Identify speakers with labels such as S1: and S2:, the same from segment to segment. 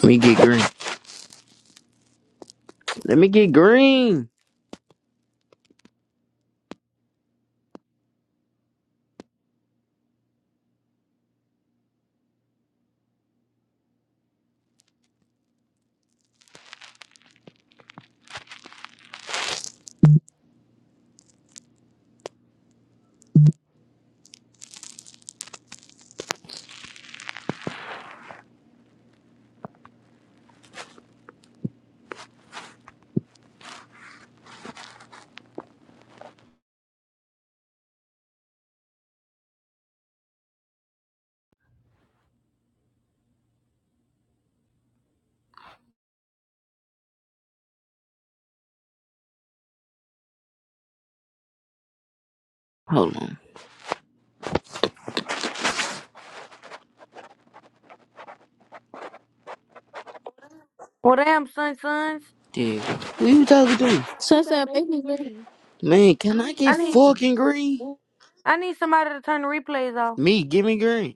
S1: Let me get green. Let me get green. Hold on.
S2: Well, damn, son, sons.
S1: Dude, who you talking to?
S2: That's not
S3: Sunset,
S2: making
S3: baby,
S2: green.
S1: Man, can I
S2: I
S1: get
S3: I
S2: need
S3: need.
S1: fucking green?
S2: I need somebody to turn the replays off.
S1: Me, give me green.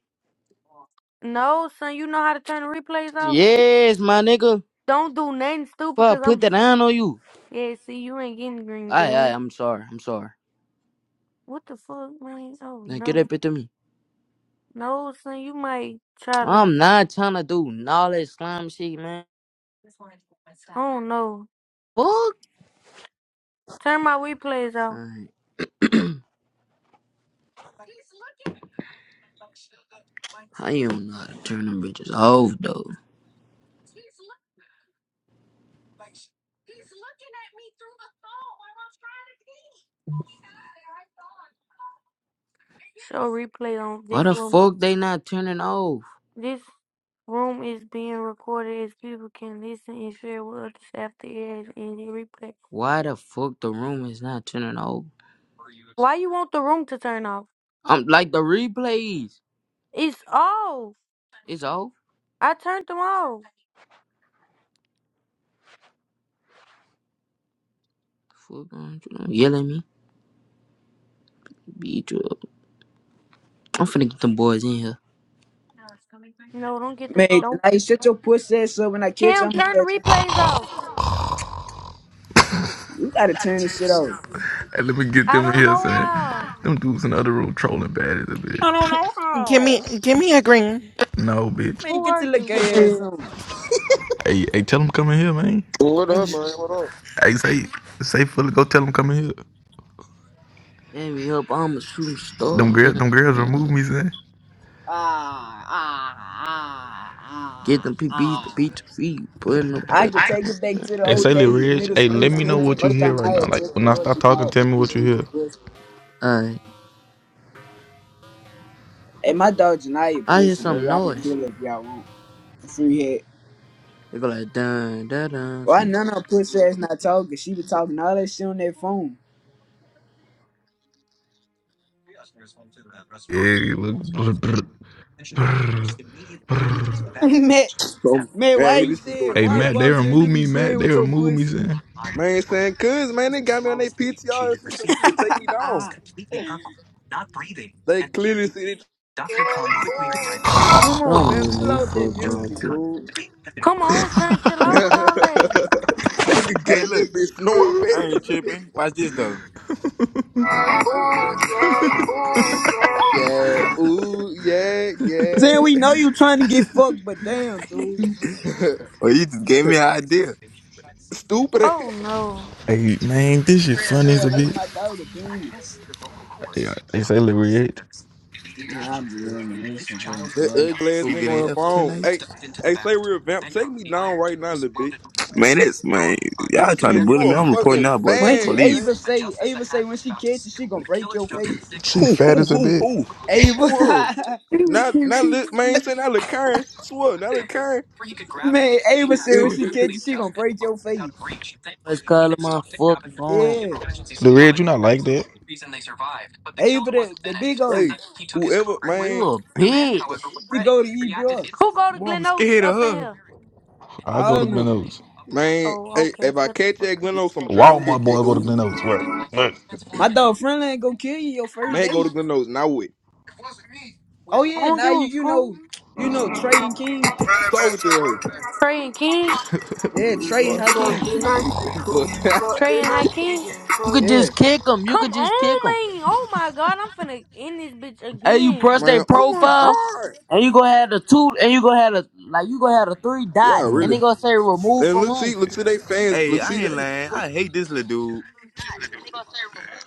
S2: No, son, you know how to turn the replays off.
S1: Yes, my nigga.
S2: Don't do nothing stupid, cause
S1: Fuck, put
S2: I'm.
S1: that iron on you.
S2: Yeah, see, you ain't getting green,
S1: Aye, aye,
S2: dummy.
S1: I'm sorry. I'm sorry.
S2: What the fuck, man? Oh
S1: Now get
S2: no,
S1: up into me.
S2: no, son, you might try to.
S1: I'm not trying to do all that slime shit, man.
S2: I don't know.
S1: Fuck.
S2: Turn my replays off.
S1: Alright. How you don't know how to turn them bitches off, though?
S2: Show replay on
S1: Why
S2: this
S1: the
S2: one.
S1: fuck they not turning off?
S2: This room is being recorded as people can listen and share with others after it has ended replay.
S1: Why the fuck the room is not turning off?
S2: Why you want the room to turn off?
S1: I'm like the replays.
S2: It's off.
S1: It's off.
S2: I turned them off.
S1: Fuck on, yell at me. Beat you up. I'm finna get them boys in here.
S2: No, don't get the
S4: Man,
S2: don't.
S4: tonight, shut your pussy ass up when I catch you.
S2: Cam
S4: I'm
S2: turn the
S4: going
S2: replays off.
S4: You gotta turn this shit off.
S5: Hey, let me get
S2: I
S5: them
S2: don't
S5: here,
S2: know
S5: son.
S2: how.
S5: Them dudes in the other room trolling bad as a bitch.
S4: I don't know
S6: Give me,
S4: how.
S6: give me a green.
S5: No, bitch.
S4: Man,
S2: Who
S4: get
S2: are
S4: your little
S2: you?
S4: gay ass on.
S5: Hey, hey, tell them come in here, man.
S7: What up, man? What up?
S5: Hey, say, say, fully go tell them come in here.
S1: Let me up. I'm a shooting
S5: Them
S1: star.
S5: girls,
S1: Mm,
S5: them girls
S1: mm.
S5: remove me, son.
S4: Ah, ah, ah,
S1: Get
S4: ah,
S1: them PBs to
S4: ah.
S1: beat the feet. Putting them
S4: I
S1: back.
S4: can take it back to the
S5: Hey, say,
S4: old
S1: Mm.
S5: Lil
S4: days,
S5: Reg,
S4: middle
S5: hey,
S4: school.
S5: let me know
S4: Since the
S5: what you
S4: first
S5: hear
S4: time
S5: right
S4: I
S5: now.
S4: had
S5: Like,
S4: just
S5: when I start
S4: worked
S5: talking,
S4: out
S5: tell me
S4: with this
S5: what you hear.
S4: bitch pussy.
S1: Alright.
S4: Hey, my dog Janaya
S1: I hear
S4: pushing, bro.
S1: some
S4: Y'all can
S1: noise.
S4: kill her if y'all want. Free head.
S1: They go like dun dun dun.
S4: Why
S1: Some,
S4: none of her pussy ass not talking? She was talking all that shit on that phone.
S5: Yeah, look. brr, brr, brr.
S4: man,
S8: Oh my
S4: man,
S8: god,
S4: why
S8: here
S4: you
S8: this shit go
S4: said?
S5: Hey,
S4: Why
S8: again.
S5: Matt,
S4: go
S5: they
S4: upstairs
S5: remove
S4: you be
S5: me, Matt.
S4: playing
S5: They
S4: with your
S5: remove me,
S4: pussy?
S5: son.
S8: Man, saying cuz man, they got me on their PTR and shit, so they need to take me down. They clearly see it.
S4: Come on,
S1: don't
S4: Bam,
S1: mute
S4: chill
S1: me.
S4: out with that
S1: Fuck on
S4: music,
S1: too.
S4: dude.
S2: Come on, son, chill out with
S8: Nigga
S2: all that.
S9: Hey,
S8: got in
S9: look,
S8: that bitch snoring
S9: I
S8: bad
S9: ain't
S8: as a
S9: tripping.
S8: bitch.
S9: Watch this though.
S8: Yeah, ooh, yeah, yeah.
S4: Saying we know you trying to get fucked, but damn, dude.
S9: Well, you just gave me an idea.
S8: Stupid
S2: Oh
S8: ass.
S2: no.
S5: Hey, man, this shit funny as a
S4: Real late
S5: bitch.
S4: my dog a demon.
S5: Hey, they say Lil Reg.
S4: Nigga, I'm delivering this one,
S8: That
S4: bro.
S8: ugly ass
S4: boy.
S9: Who
S8: nigga on
S9: getting
S8: the
S9: F
S8: phone.
S9: tonight?
S8: Hey, hey, say real vamp, take me down right now, little bitch.
S9: Man, this man, y'all trying to
S8: Saying you
S9: bully me.
S8: a
S9: I'm reporting
S8: fucking
S9: y'all boys to the
S4: Munchie,
S8: fan,
S9: police.
S4: Ava
S8: saying.
S4: say, Ava say when she catches, she gonna break your face.
S5: She
S9: Who,
S5: fat
S9: who,
S5: as a
S9: who,
S5: bitch.
S9: who?
S4: Ava,
S8: Swear. Not not look man, saying not look Karen. Swear, not look Karen.
S4: man, Ava say when she catches, she gonna break your face.
S1: Let's call my fucking phone.
S4: Yeah,
S5: Lil Reg, you not like that.
S4: Ava the, the big old,
S8: Say, whoever,
S1: You
S8: man,
S1: a bitch.
S4: she go to EBR.
S2: Who go to
S9: Boy, I'm
S2: Glen Oaks
S9: scared of
S2: up in
S9: her.
S2: here?
S5: I
S4: I
S5: go to
S4: don't
S5: Glen
S4: know.
S5: Oaks.
S8: man,
S2: Oh,
S8: hey,
S2: okay.
S8: if I
S2: Shut the
S8: catch
S2: fuck
S8: that
S2: up.
S8: Glen Oaks, I'm drop
S5: Walmart
S8: kicking you,
S5: boy go to
S8: dude.
S5: Glen Oaks. Work. Look.
S4: My dog friendly ain't gonna kill you your first
S8: Man,
S4: day.
S8: go to Glen Oaks now with.
S4: Oh
S2: I
S4: yeah,
S2: don't
S4: now
S2: give a
S4: you you
S2: fuck.
S4: know you know Trey and King.
S8: Talking to that hoe.
S2: Trey and King,
S4: Yeah,
S8: You getting
S4: Trey and
S8: fucked that.
S4: Hakeem.
S8: You getting fucked that.
S2: Trey and High King.
S1: You could
S4: Yeah.
S1: just kick them. You could
S2: Come on,
S1: just kick them.
S2: man. Oh my God, I'm finna end this bitch
S1: Hey, you
S2: again.
S1: press their
S8: Man, oh my
S1: profile.
S8: God.
S1: And you gonna have the two, and you gonna have the like you gonna have the three
S8: Yeah,
S1: dots,
S5: Hold
S1: and
S8: really.
S1: they
S5: on.
S1: gonna say remove
S8: And
S1: from
S8: look,
S1: room.
S8: see, look, see, they
S10: That's for
S8: fans,
S9: Hey,
S8: look,
S10: sure,
S9: I
S8: see, they
S9: ain't lying.
S8: fuck,
S9: I
S10: yeah.
S9: hate this little dude.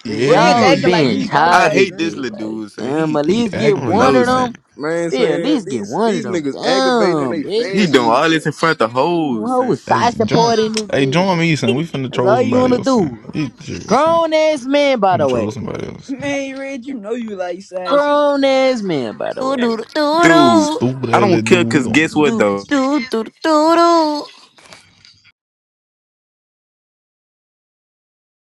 S1: But
S5: Yeah,
S4: Ridge
S5: he
S1: y'all
S4: acting
S5: he
S4: like
S1: been
S4: he
S5: he,
S4: don't
S1: tired
S9: I
S1: of
S4: got
S1: this
S9: hate this
S1: dick.
S4: green.
S9: little
S1: Like,
S9: dude, son.
S1: damn,
S9: He,
S1: at
S5: he
S1: least get
S9: I don't
S5: aggravating
S1: one
S9: know,
S5: this
S1: of
S9: son.
S1: them.
S5: man.
S8: man,
S1: Bitch, at
S8: saying
S1: least get
S8: these
S1: one of
S8: these
S1: them.
S8: niggas aggravating and
S1: Damn,
S8: they
S1: bitch.
S9: He
S8: fans of
S9: doing
S8: me,
S9: all this in
S8: saying.
S9: front of
S1: Mm,
S9: hoes,
S11: Doo
S1: Who
S9: son.
S1: was
S5: Hey,
S1: side
S5: join
S1: support in this
S5: hey, join
S1: bitch?
S5: me, son. We finna
S1: That's
S5: troll
S1: all you
S5: somebody
S1: wanna
S5: else, son.
S1: do.
S5: You serious, son.
S1: Grown ass man, by
S5: We
S1: the
S5: finna troll
S1: way.
S5: somebody else. son.
S4: Man, Red, you know you like size.
S1: Grown ass man, by the way.
S11: doo doo doo
S9: Dude,
S5: Stupid
S9: I
S5: ass little
S9: don't care,
S5: dude. We
S9: cause guess
S5: gon'
S9: what
S11: doo
S9: though?
S11: doo doo doo doo.